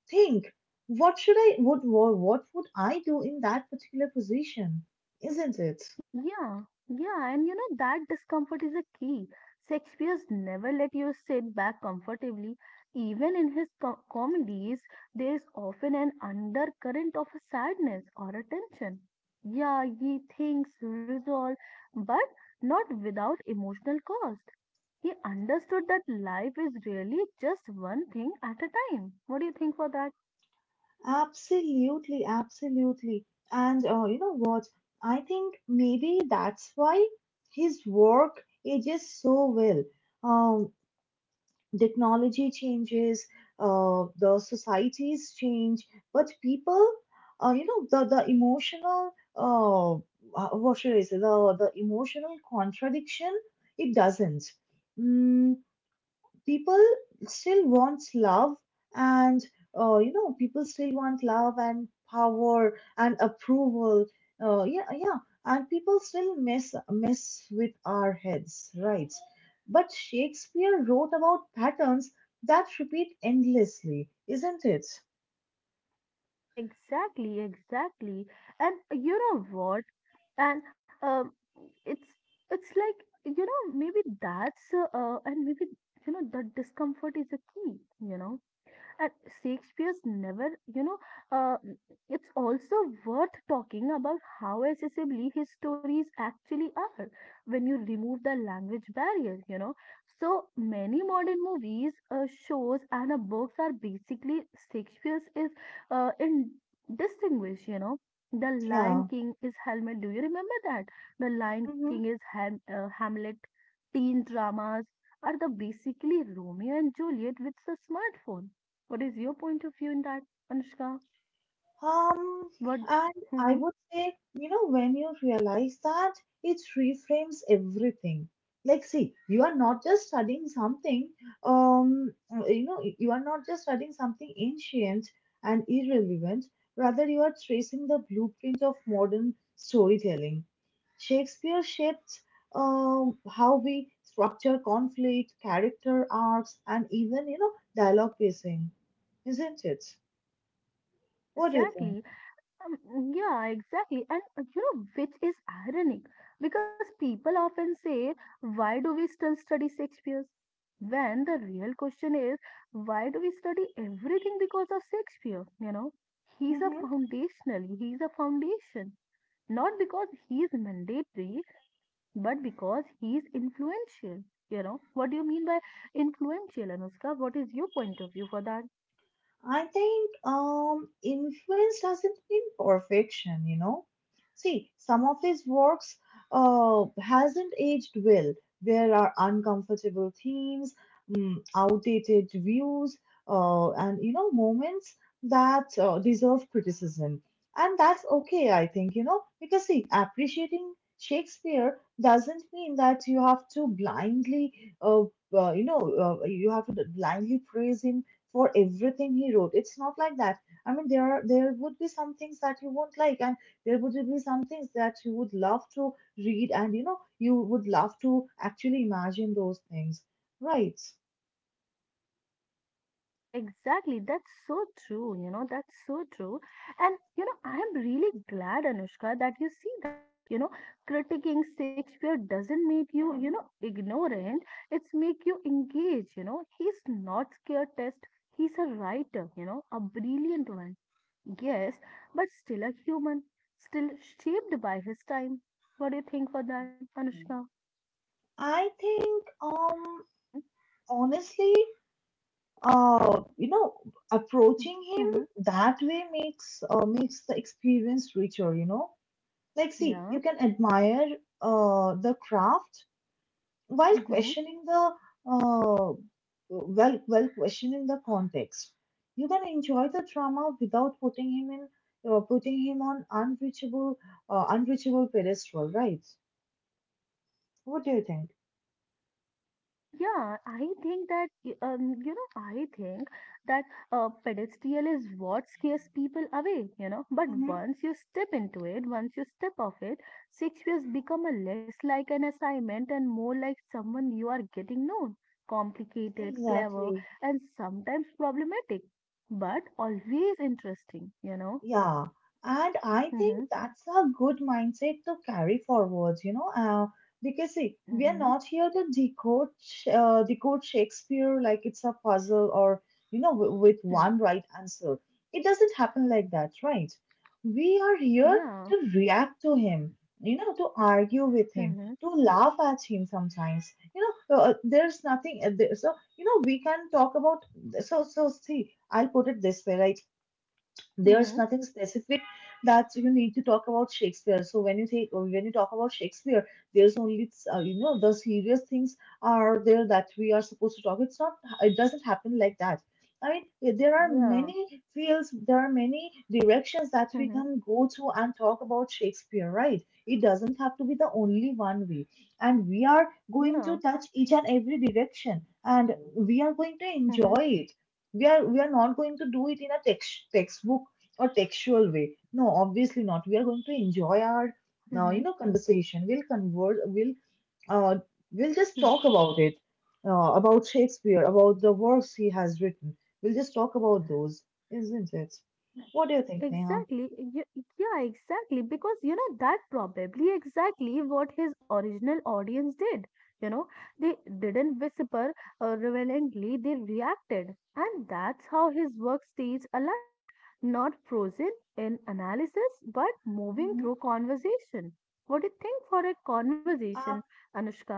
think, what should I, what, what, what would I do in that particular position, isn't it?
Yeah, yeah, and you know that discomfort is a key. Shakespeare's never let you sit back comfortably. Even in his co- comedies, there is often an undercurrent of a sadness or a tension. Yeah, he thinks resolve, but not without emotional cost. He understood that life is really just one thing at a time. What do you think for that?
Absolutely, absolutely. And uh, you know what? I think maybe that's why his work ages so well. Um, Technology changes, uh, the societies change, but people, uh, you know, the the emotional, uh, uh, what should I say? The the emotional contradiction, it doesn't. Mm, people still want love and uh, you know people still want love and power and approval. Uh, yeah, yeah. And people still mess mess with our heads, right? But Shakespeare wrote about patterns that repeat endlessly, isn't it?
Exactly, exactly. And you know what? And um, it's it's like you know maybe that's uh, uh, and maybe you know that discomfort is a key, you know. And Shakespeare's never, you know, uh, it's also worth talking about how accessibly his stories actually are when you remove the language barrier, you know. So many modern movies, uh, shows, and uh, books are basically Shakespeare's is uh, in distinguish, you know. The Lion
Yeah.
King is Hamlet. Do you remember that? The Lion King is
Mm-hmm.
Ham uh, Hamlet. Teen dramas are the basically Romeo and Juliet with a smartphone. What is your point of view in that, Anushka?
Um,
What?
and I
Mhm.
would say, you know, when you realize that, it reframes everything. Like, see, you are not just studying something, um, you know, you are not just studying something ancient and irrelevant. Rather, you are tracing the blueprint of modern storytelling. Shakespeare shaped um, how we structure conflict, character arcs, and even, you know, dialogue pacing, isn't it? What do you think?
Exactly. Um, yeah, exactly. And uh, you know, which is ironic because people often say, why do we still study Shakespeare? When the real question is, why do we study everything because of Shakespeare? You know, he's a
Mm-hmm.
foundational, he's a foundation. Not because he is mandatory, but because he is influential. You know, what do you mean by influential, Anushka? What is your point of view for that?
I think um, influence doesn't mean perfection, you know. See, some of his works uh, hasn't aged well. There are uncomfortable themes, mm, outdated views, uh, and you know moments that uh, deserve criticism, and that's okay, I think, you know, because see, appreciating Shakespeare doesn't mean that you have to blindly, uh, uh, you know, uh, you have to blindly praise him for everything he wrote. It's not like that. I mean, there are there would be some things that you won't like, and there would be some things that you would love to read, and you know, you would love to actually imagine those things, right?
Exactly. That's so true. You know, that's so true. And, you know, I am really glad, Anushka, that you see that. You know, critiquing Shakespeare doesn't make you, you know, ignorant. It's make you engage, you know. He's not scared test. He's a writer, you know, a brilliant one. Yes, but still a human, still shaped by his time. What do you think for that,
Mm.
Anushka?
I think, um,
Mm-hmm.
honestly, uh, you know, approaching
Mm-hmm.
him
Mm-hmm.
that way makes uh, makes the experience richer. You know, like see,
Yeah.
you can admire uh the craft while
Mm-hmm.
questioning the uh, well while questioning the context. You can enjoy the drama without putting him in uh, putting him on unreachable, uh, unreachable pedestal, right? What do you think?
Yeah, I think that y- um, you know, I think that a pedestal is what scares people away, you know. But
Hmm.
once you step into it, once you step off it, six years become a less like an assignment and more like someone you are getting known, complicated, clever,
Exactly.
and sometimes problematic, but always interesting, you know.
Yeah, and I think
Mm-hmm,
that's a good mindset to carry forward, you know, uh, because see, we are
mm-hmm,
not here to decode Sh- uh, decode Shakespeare like it's a puzzle or, you know, w- with
mm.
one right answer. It doesn't happen like that, right? We are here
Yeah.
to react to him, you know, to argue with him,
Mm-hmm,
to laugh at him sometimes. You know, uh, uh, there's nothing, uh, there, so, you know, we can talk about, so, so see, I'll put it this way, right?
mm-hmm,
There's nothing specific that you need to talk about Shakespeare. So when you take when you talk about Shakespeare, there's only uh, you know the serious things are there that we are supposed to talk. It's not it doesn't happen like that. I mean, eh, there are
yeah.
many fields, there are many directions that we
Mm-hmm,
can go to and talk about Shakespeare, right? It doesn't have to be the only one way. And we are going
yeah.
to touch each and every direction and we are going to
Mm-hmm,
enjoy it. We are we are not going to do it in a text textbook or textual way. No, obviously not. We are going to enjoy our uh,
mm-hmm,
you know conversation. We'll converse. We'll uh,
mm hmm mm hmm yeah mm
we'll
hmm yeah mm hmm
just
mm
talk about it, uh, about Shakespeare, about the works he has written. We'll just talk about those, isn't it?
hmm.
What do you think, Neha?
Exactly, y- yeah, exactly. Because you know that probably exactly what his original audience did. You know, they didn't whisper uh, relevantly, they reacted, and that's how his work stays alive. Not frozen in analysis, but moving
Mm-hmm.
through conversation. What do you think for a conversation, Anushka?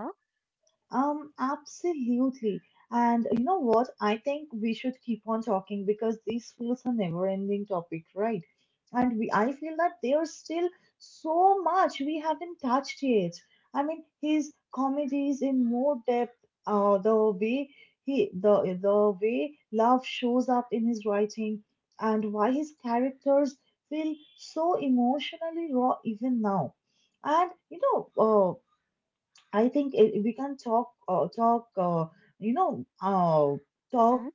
Um, absolutely. And you know what? I think we should keep on talking because this feels a never-ending topic, right? And we, I feel that there's still so much we haven't touched yet. I mean, his comedies in more depth, uh, the way he, the the way love shows up in his writing, and why his characters feel so emotionally raw even now. And you know, uh, I think it, we can talk, uh, talk, uh, you know, uh, talk
Mm-hmm.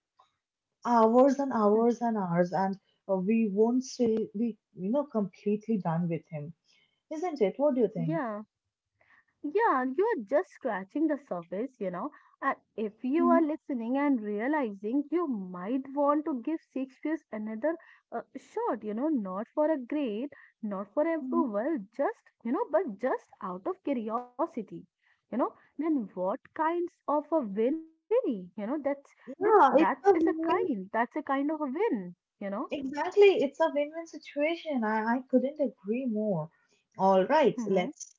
hours and
Hmm.
hours and hours, and uh, we won't say we, you know, completely done with him, isn't it? What do you think?
Yeah. Yeah, you're just scratching the surface, you know. And if you are
Hmm.
listening and realizing you might want to give Shakespeare another uh, shot, you know, not for a grade, not for
Hmm.
approval, just, you know, but just out of curiosity, you know, then what kinds of a win already, you know, that's, then
Yeah, it's
that
a
is a
win-win.
kind, that's a kind of a win, you know.
Exactly, it's a win-win situation. I, I couldn't agree more. All right,
Mm-hmm,
let's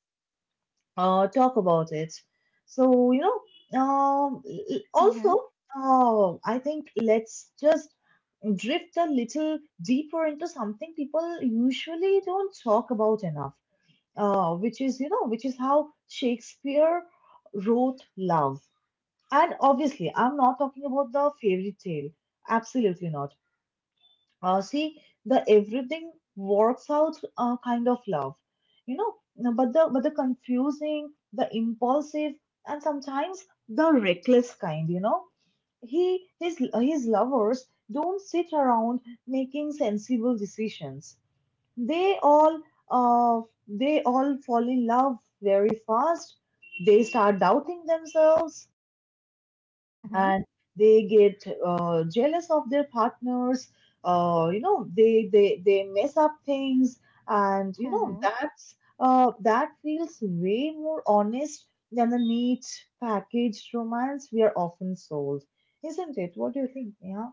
uh, talk about it. So, you know, um, l- l-
mm-hmm,
also, uh, I think let's just drift a little deeper into something people usually don't talk about enough, uh, which is, you know, which is how Shakespeare wrote love. And obviously, I'm not talking about the fairy tale. Absolutely not. Uh, see, the everything works out uh, kind of love, you know. No, But the but the confusing, the impulsive, and sometimes the reckless kind, you know. He his his lovers don't sit around making sensible decisions. They all uh they all fall in love very fast. They start doubting themselves,
mm-hmm,
and they get uh, jealous of their partners. Uh, you know they they they mess up things, and you know
mm-hmm.
that's uh, that feels way more honest than the neat packaged romance we are often sold, isn't it? What do you think? Yeah,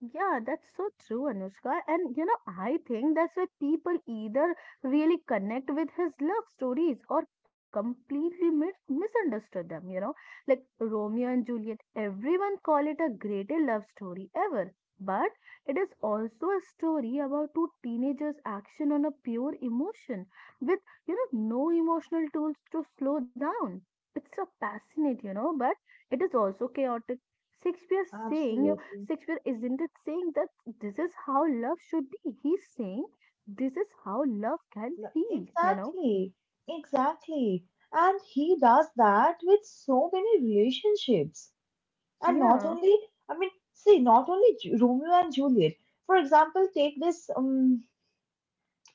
Yeah, that's so true, Anushka. And you know, I think that's why people either really connect with his love stories or completely mis misunderstood them, you know, like Romeo and Juliet. Everyone call it a greatest love story ever, but it is also a story about two teenagers' action on a pure emotion with, you know, no emotional tools to slow down. It's so passionate, you know, but it is also chaotic. Shakespeare saying
absolutely.
Shakespeare isn't it saying that this is how love should be. He's saying this is how love can
L-
feel, you know?
exactly, exactly. And he does that with so many relationships. And not
Yeah,
only, I mean, see, not only Ju- Romeo and Juliet. For example, take this, um,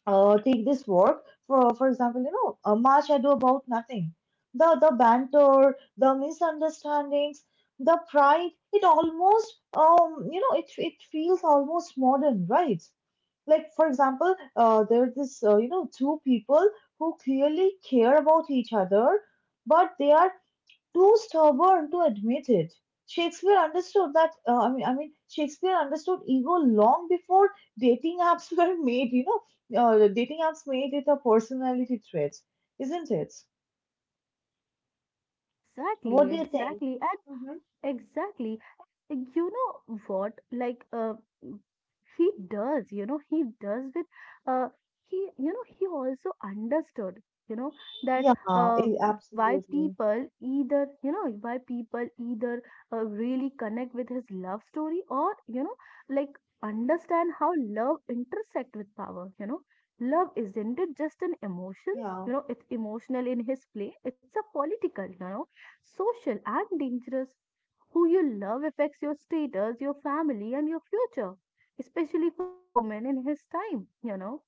uh, take this work. For for example, you know, uh, Much Ado About Nothing. The the banter, the misunderstandings, the pride. It almost, um, you know, it it feels almost modern, right? Like for example, uh, there's this, uh, you know, two people who clearly care about each other, but they are too stubborn to admit it. Shakespeare understood that. Uh, I mean, I mean, Shakespeare understood ego long before dating apps were made. You know, uh, the dating apps made it a personality trait, isn't it?
exactly,
What do you think?
exactly.
Hmm.
Exactly. You know what? Like, uh, he does, you know, he does with, uh, he, you know, he also understood, you know, that
Yeah,
uh,
eh,
why
absolutely.
people either, you know, why people either uh, really connect with his love story or, you know, like understand how love intersect with power, you know. Love isn't it just an emotions,
Yeah,
you know, it's emotional in his play, it's a political, you know, social and dangerous who you love affects your status, your family, and your future, especially for a woman in his time, you know.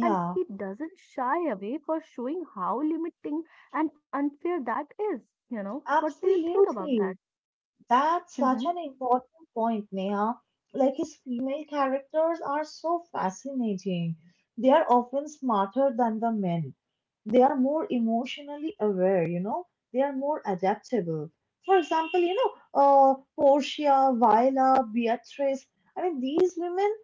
And he doesn't shy away for showing how limiting and unfair that is, you know. What do you think about that?
absolutely. That's
Mm-hmm.
such an important point, Neha. Like his female characters are so fascinating. They are often smarter than the men. They are more emotionally aware, you know. They are more adaptable. For example, you know, uh, Portia, Viola, Beatrice. I mean, these women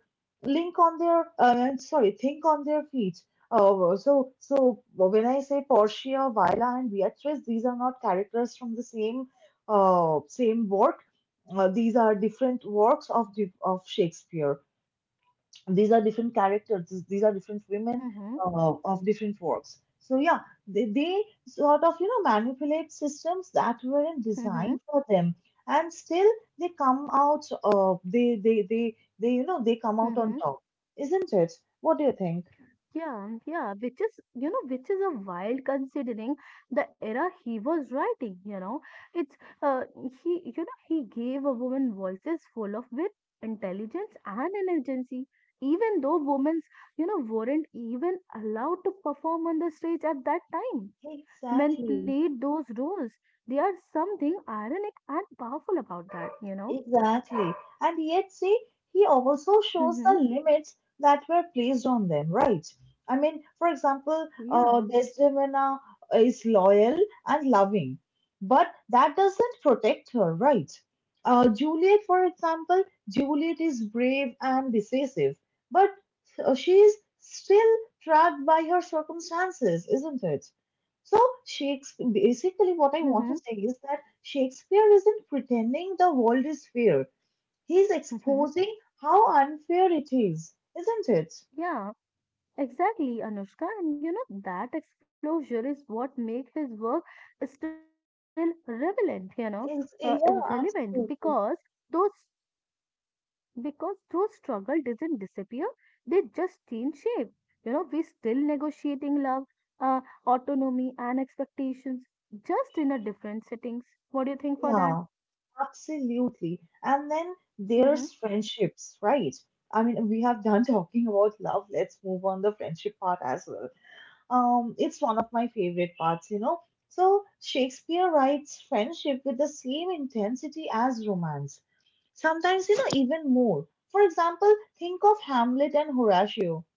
link on their uh, sorry think on their feet. Uh, so so when I say Portia, Viola and Beatrice, these are not characters from the same uh, same work. Uh, these are different works of the- of Shakespeare. These are different characters, these these are different women
Mm-hmm.
uh, of different works. So yeah, they, they sort of, you know, manipulate systems that weren't
Mm-hmm.
designed for them, and still they come out, uh, they, they they they, you know, they come out
Mm-hmm.
on top, isn't it? What do you think?
Yeah, yeah, which is, you know, which is a wild considering the era he was writing, you know. It's, uh, he, you know, he gave a woman voices full of wit, intelligence, and energy. Even though women, you know, weren't even allowed to perform on the stage at that time. Men
Exactly.
played those roles. They are something ironic and powerful about that, you know.
Exactly. And yet, see, he also shows the
Mm-hmm.
limits that were placed on them, right? I mean, for example, uh,
Yeah.
Desdemona is loyal and loving, but that doesn't protect her, right? Uh, Juliet, for example, Juliet is brave and decisive, but uh, she is still trapped by her circumstances, isn't it? So Shakespeare, basically what I want
Mm-hmm.
to say is that Shakespeare isn't pretending the world is fair. He's
Mm-hmm.
exposing how unfair it is, isn't
Yeah. Exactly, Anushka, and you know that exposure is what makes his work still relevant. You know, uh,
It's, yeah,
relevant because
absolutely.
those because those struggle doesn't disappear; they just change shape. You know, we still negotiating love, uh, autonomy, and expectations, just in a different settings. What do you think for that?
Yeah, absolutely. And then
Mm-hmm.
there's friendships, right? I mean, we have done talking about love. Let's move on the friendship part as well. Um, it's one of my favorite parts, you know. So Shakespeare writes friendship with the same intensity as romance. Sometimes, you know, even more. For example, think of Hamlet and Horatio.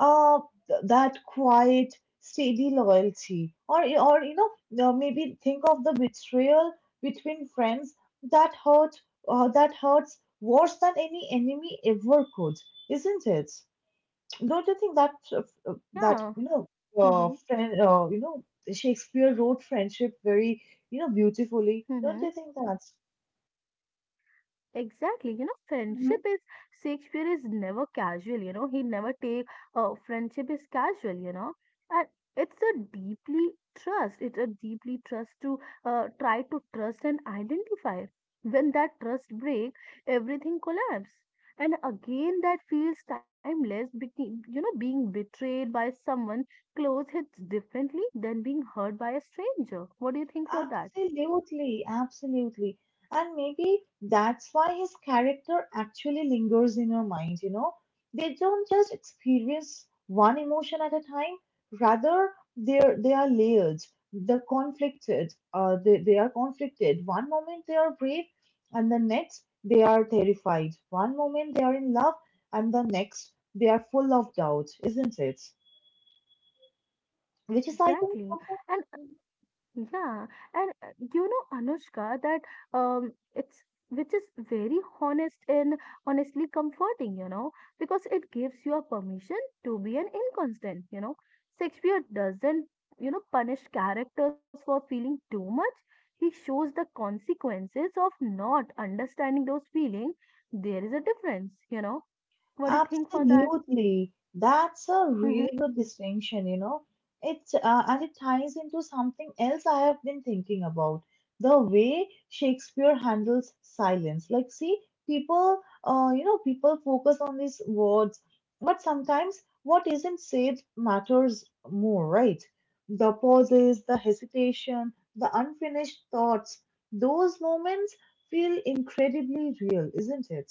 Uh, th- that quiet, steady loyalty, or or you know, uh, maybe think of the betrayal between friends that hurt, uh, that hurts worse than any enemy ever could, isn't it? Don't you think that uh, that
Yeah.
you know, uh,
Mm-hmm.
friend, uh, you know, Shakespeare wrote friendship very, you know, beautifully. Don't
Mm-hmm.
you think that?
Exactly, you know, friendship is Shakespeare is never casual, you know, he never take uh, friendship is casual, you know, and it's a deeply trust, it's a deeply trust to uh, try to trust and identify. When that trust break, everything collapse. And again, that feels timeless, be- you know, being betrayed by someone close hits differently than being hurt by a stranger. What do you think for that?
Absolutely, absolutely. And maybe that's why his character actually lingers in your mind, you know? They don't just experience one emotion at a time, rather they're they are layered, they're conflicted, uh they, they are conflicted. One moment they are brave and the next they are terrified. One moment they are in love and the next they are full of doubt, isn't it? Which is I think
Exactly.
also
Yeah, and uh, you know, Anushka, that um, it's which is very honest and honestly comforting, you know, because it gives you a permission to be an inconstant, you know. Shakespeare doesn't, you know, punish characters for feeling too much. He shows the consequences of not understanding those feelings. There is a difference, you know. What do you think for that?
Absolutely. That's a
Mm-hmm.
really good distinction, you know. It uh, and it ties into something else I have been thinking about. The way Shakespeare handles silence. Like, see, people, uh, you know, people focus on these words, but sometimes what isn't said matters more, right? The pauses, the hesitation, the unfinished thoughts, those moments feel incredibly real, isn't it?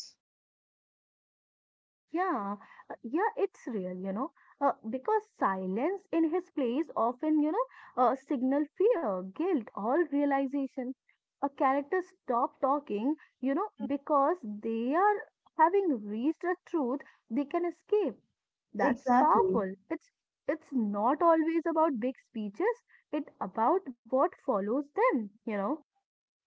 Yeah, uh, yeah, it's real, you know, uh, because silence in his place often, you know, uh, signal fear, guilt, or realization. A character stop talking, you know, because they are having reached a truth they can escape. That's
Exactly.
powerful. It's it's not always about big speeches. It's about what follows them, you know.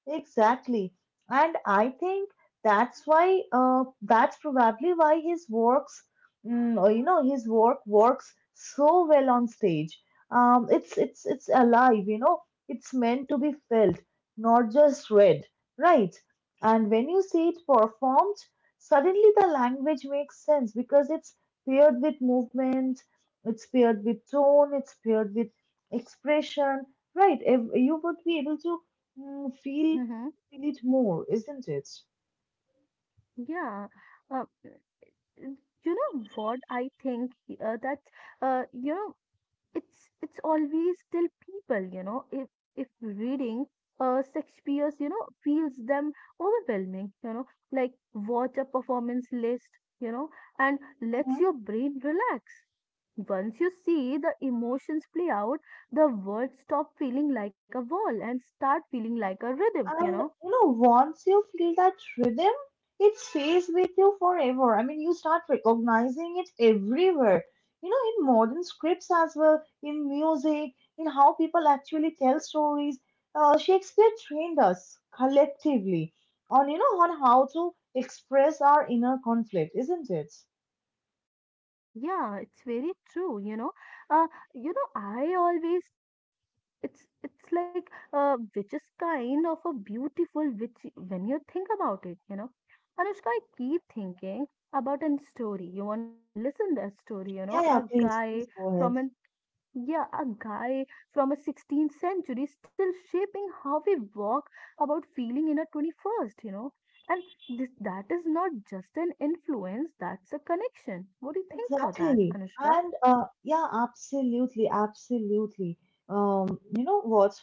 Exactly. And I think that's why, uh, that's probably why his works, mm, or, you know, his work works so well on stage. Um, it's it's it's alive, you know. It's meant to be felt, not just read, right? And when you see it performed, suddenly the language makes sense because it's paired with movement, it's paired with tone, it's paired with expression, right? Ev- You would be able to mm, feel
Mm-hmm.
feel it more, isn't it?
Yeah. Uh, Mm, you know what I think uh, that uh, you know it's it's always still people, you know, if, if reading uh, Shakespeare's you know feels them overwhelming, you know, like watch a performance list, you know, and lets
Mhm.
your brain relax. Once you see the emotions play out the words stop feeling like a wall and start feeling like a rhythm, you know.
And you know, once you feel that rhythm, it stays with you forever. I mean, you start recognizing it everywhere. You know, in modern scripts as well, in music, in how people actually tell stories. Uh, Shakespeare trained us collectively on, you know, on how to express our inner conflict, isn't it?
Yeah, it's very true, you know. uh, you know I always t- it's it's like uh, which is kind of a beautiful which when you think about it, you know. Anushka, I keep thinking about a story you want to listen that story, you
Yeah,
know.
yeah,
a
please,
guy
please go ahead.
from an yeah a guy from a sixteenth century still shaping how we walk about feeling in a twenty-first, you know. And this that is not just an influence, that's a connection. What do you think for that,
Exactly.
Anushka?
And uh, yeah, absolutely, absolutely. Um, you know what?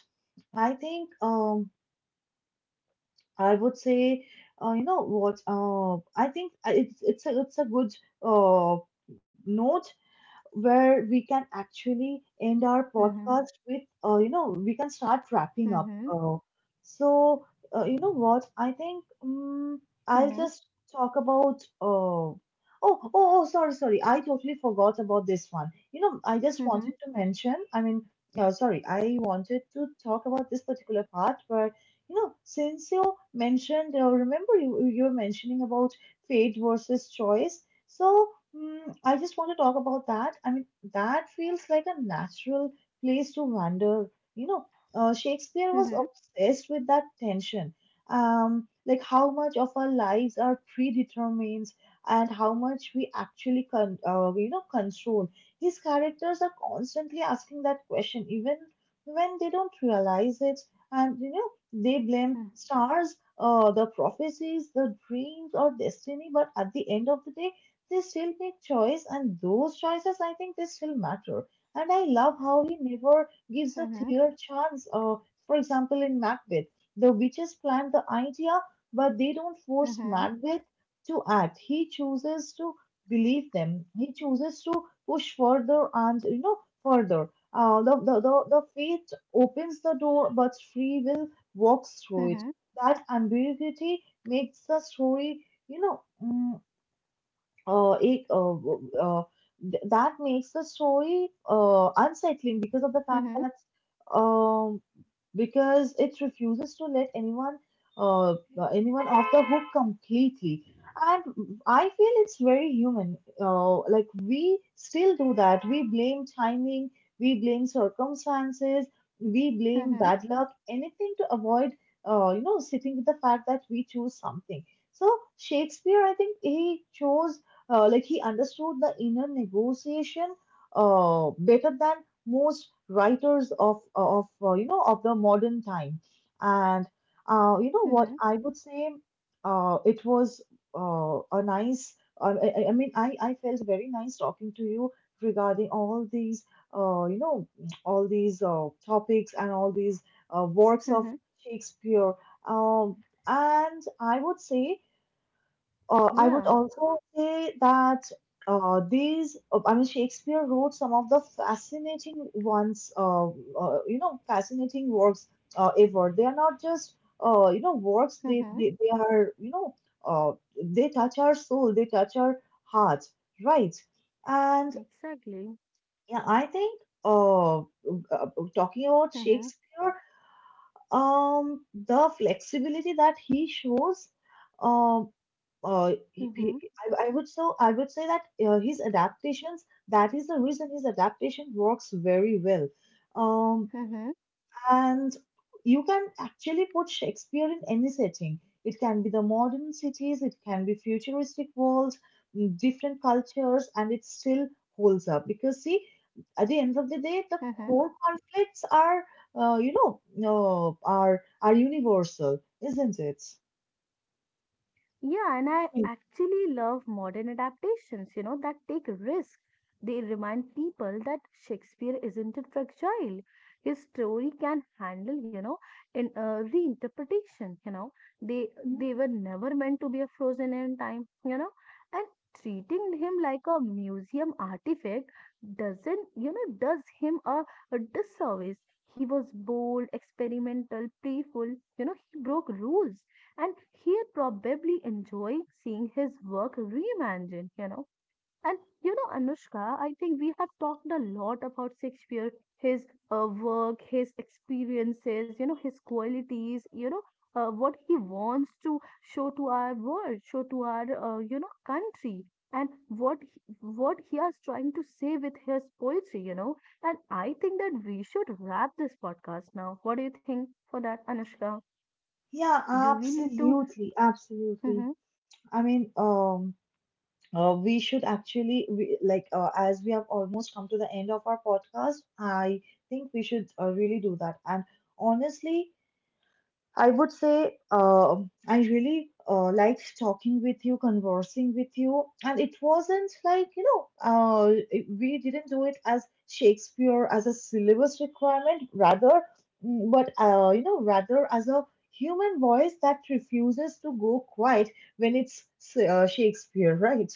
I think um, I would say uh, you know what? Uh, I think I- it's it's a it's a good uh, note where we can actually end our
Mm-hmm,
podcast with, uh, you know, we can start wrapping up.
mm-hmm,
Uh, so, uh, you know what? I think um, I'll
mm-hmm,
just talk about. Uh, Oh, oh, oh, sorry, sorry. I totally forgot about this one. You know, I just wanted
mm-hmm,
to mention, I mean, uh, sorry, I wanted to talk about this particular part, but you know, since you mentioned, uh, remember you you were mentioning about fate versus choice. So Mm, I just want to talk about that. I mean, that feels like a natural place to wander. You know, uh, Shakespeare was
mm-hmm,
obsessed with that tension. Um, like how much of our lives are predetermined and how much we actually con uh, you know control. His characters are constantly asking that question, even when they don't realize it. And you know, they blame stars, uh, the prophecies, the dreams, or destiny. But at the end of the day they still make choice, and those choices, I think, they still matter. And I love how he never gives a
mm-hmm.
clear chance. Uh, for example, in Macbeth, the witches plant the idea but they don't force
Mhm,
Macbeth to act. He chooses to believe them, he chooses to push further and, you know, further. Uh, the, the, the, the faith opens the door, but free will walks through it.
mhm,
That ambiguity makes the story, you know mm, uh, it, uh, uh, th- that makes the story uh, unsettling because of the fact
mhm,
that um, because it refuses to let anyone uh, uh, anyone off the hook completely. And I feel it's very human. Uh, like we still do that. We blame timing, we blame circumstances, we blame
mhm,
bad luck, anything to avoid uh, you know, sitting with the fact that we choose something. So Shakespeare, I think, he chose uh, like he understood the inner negotiation uh, better than most writers of of uh, you know, of the modern time. And uh, you know what
mhm,
I would say, uh, it was uh, a nice. Uh, I, I I mean I, I felt very nice talking to you regarding all these, uh, you know, all these uh, topics and all these uh, works of
mhm.
Shakespeare. um, and I would say uh, I would
Yeah,
also say that uh, these, uh, I mean, Shakespeare wrote some of the fascinating ones, uh, uh, you know, fascinating works uh, ever. They are not just, uh, you know, works, they,
mhm,
they, they are, you know, uh, they touch our soul, they touch our heart, right? And
exactly.
yeah, I think uh, uh, talking about
Mhm,
Shakespeare, um, the flexibility that he shows. um uh, he, he-
mhm,
I, I would, so I would say that uh, his adaptations, that is the reason his adaptation works very well. Um,
mhm,
and you can actually put Shakespeare in any setting. It can be the modern cities, it can be futuristic worlds, mm, different cultures, and it still holds up because, see, at the end of the day, the
mhm.
core conflicts are uh, you know uh, are are universal, isn't it?
Yeah, and I actually love modern adaptations, you know, that take risks. They remind people that Shakespeare isn't fragile. His story can handle, you know, in uh, reinterpretation, you know. They they were never meant to be a frozen in time, you know. And treating him like a museum artifact doesn't, you know, does him a, a disservice. He was bold, experimental, playful, you know, he broke rules and he'd probably enjoy seeing his work reimagined, you know. And you know, Anushka, I think we have talked a lot about Shakespeare, his uh, work, his experiences, you know, his qualities, you know, uh, what he wants to show to our world, show to our, uh, you know, country. And what he, what he is trying to say with his poetry, you know, and I think that we should wrap this podcast now. What do you think for that, Anushka?
Yeah,
Do we need to?
absolutely, absolutely.
Mhm.
I mean, um, uh, we should actually re like uh, as we have almost come to the end of our podcast, I think we should uh, really do that. And honestly, I would say uh, I really uh, liked talking with you, conversing with you, and it wasn't like, you know, uh, it- we didn't do it as Shakespeare as a syllabus requirement, rather, mm, but uh, you know, rather as a human voice that refuses to go quiet when it's uh, Shakespeare, right?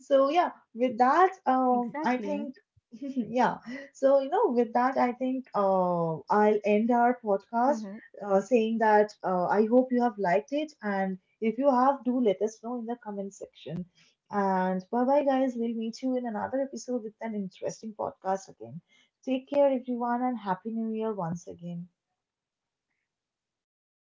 So yeah, with that, um, I
Exactly.
think yeah. So you know, with that, I think uh, I'll end our podcast
Mhm.
uh, saying that uh, I hope you have liked it, and if you have, do let us know in the comment section. And bye bye, guys. We'll meet you in another episode with an interesting podcast again. Take care, everyone, and happy New Year once again.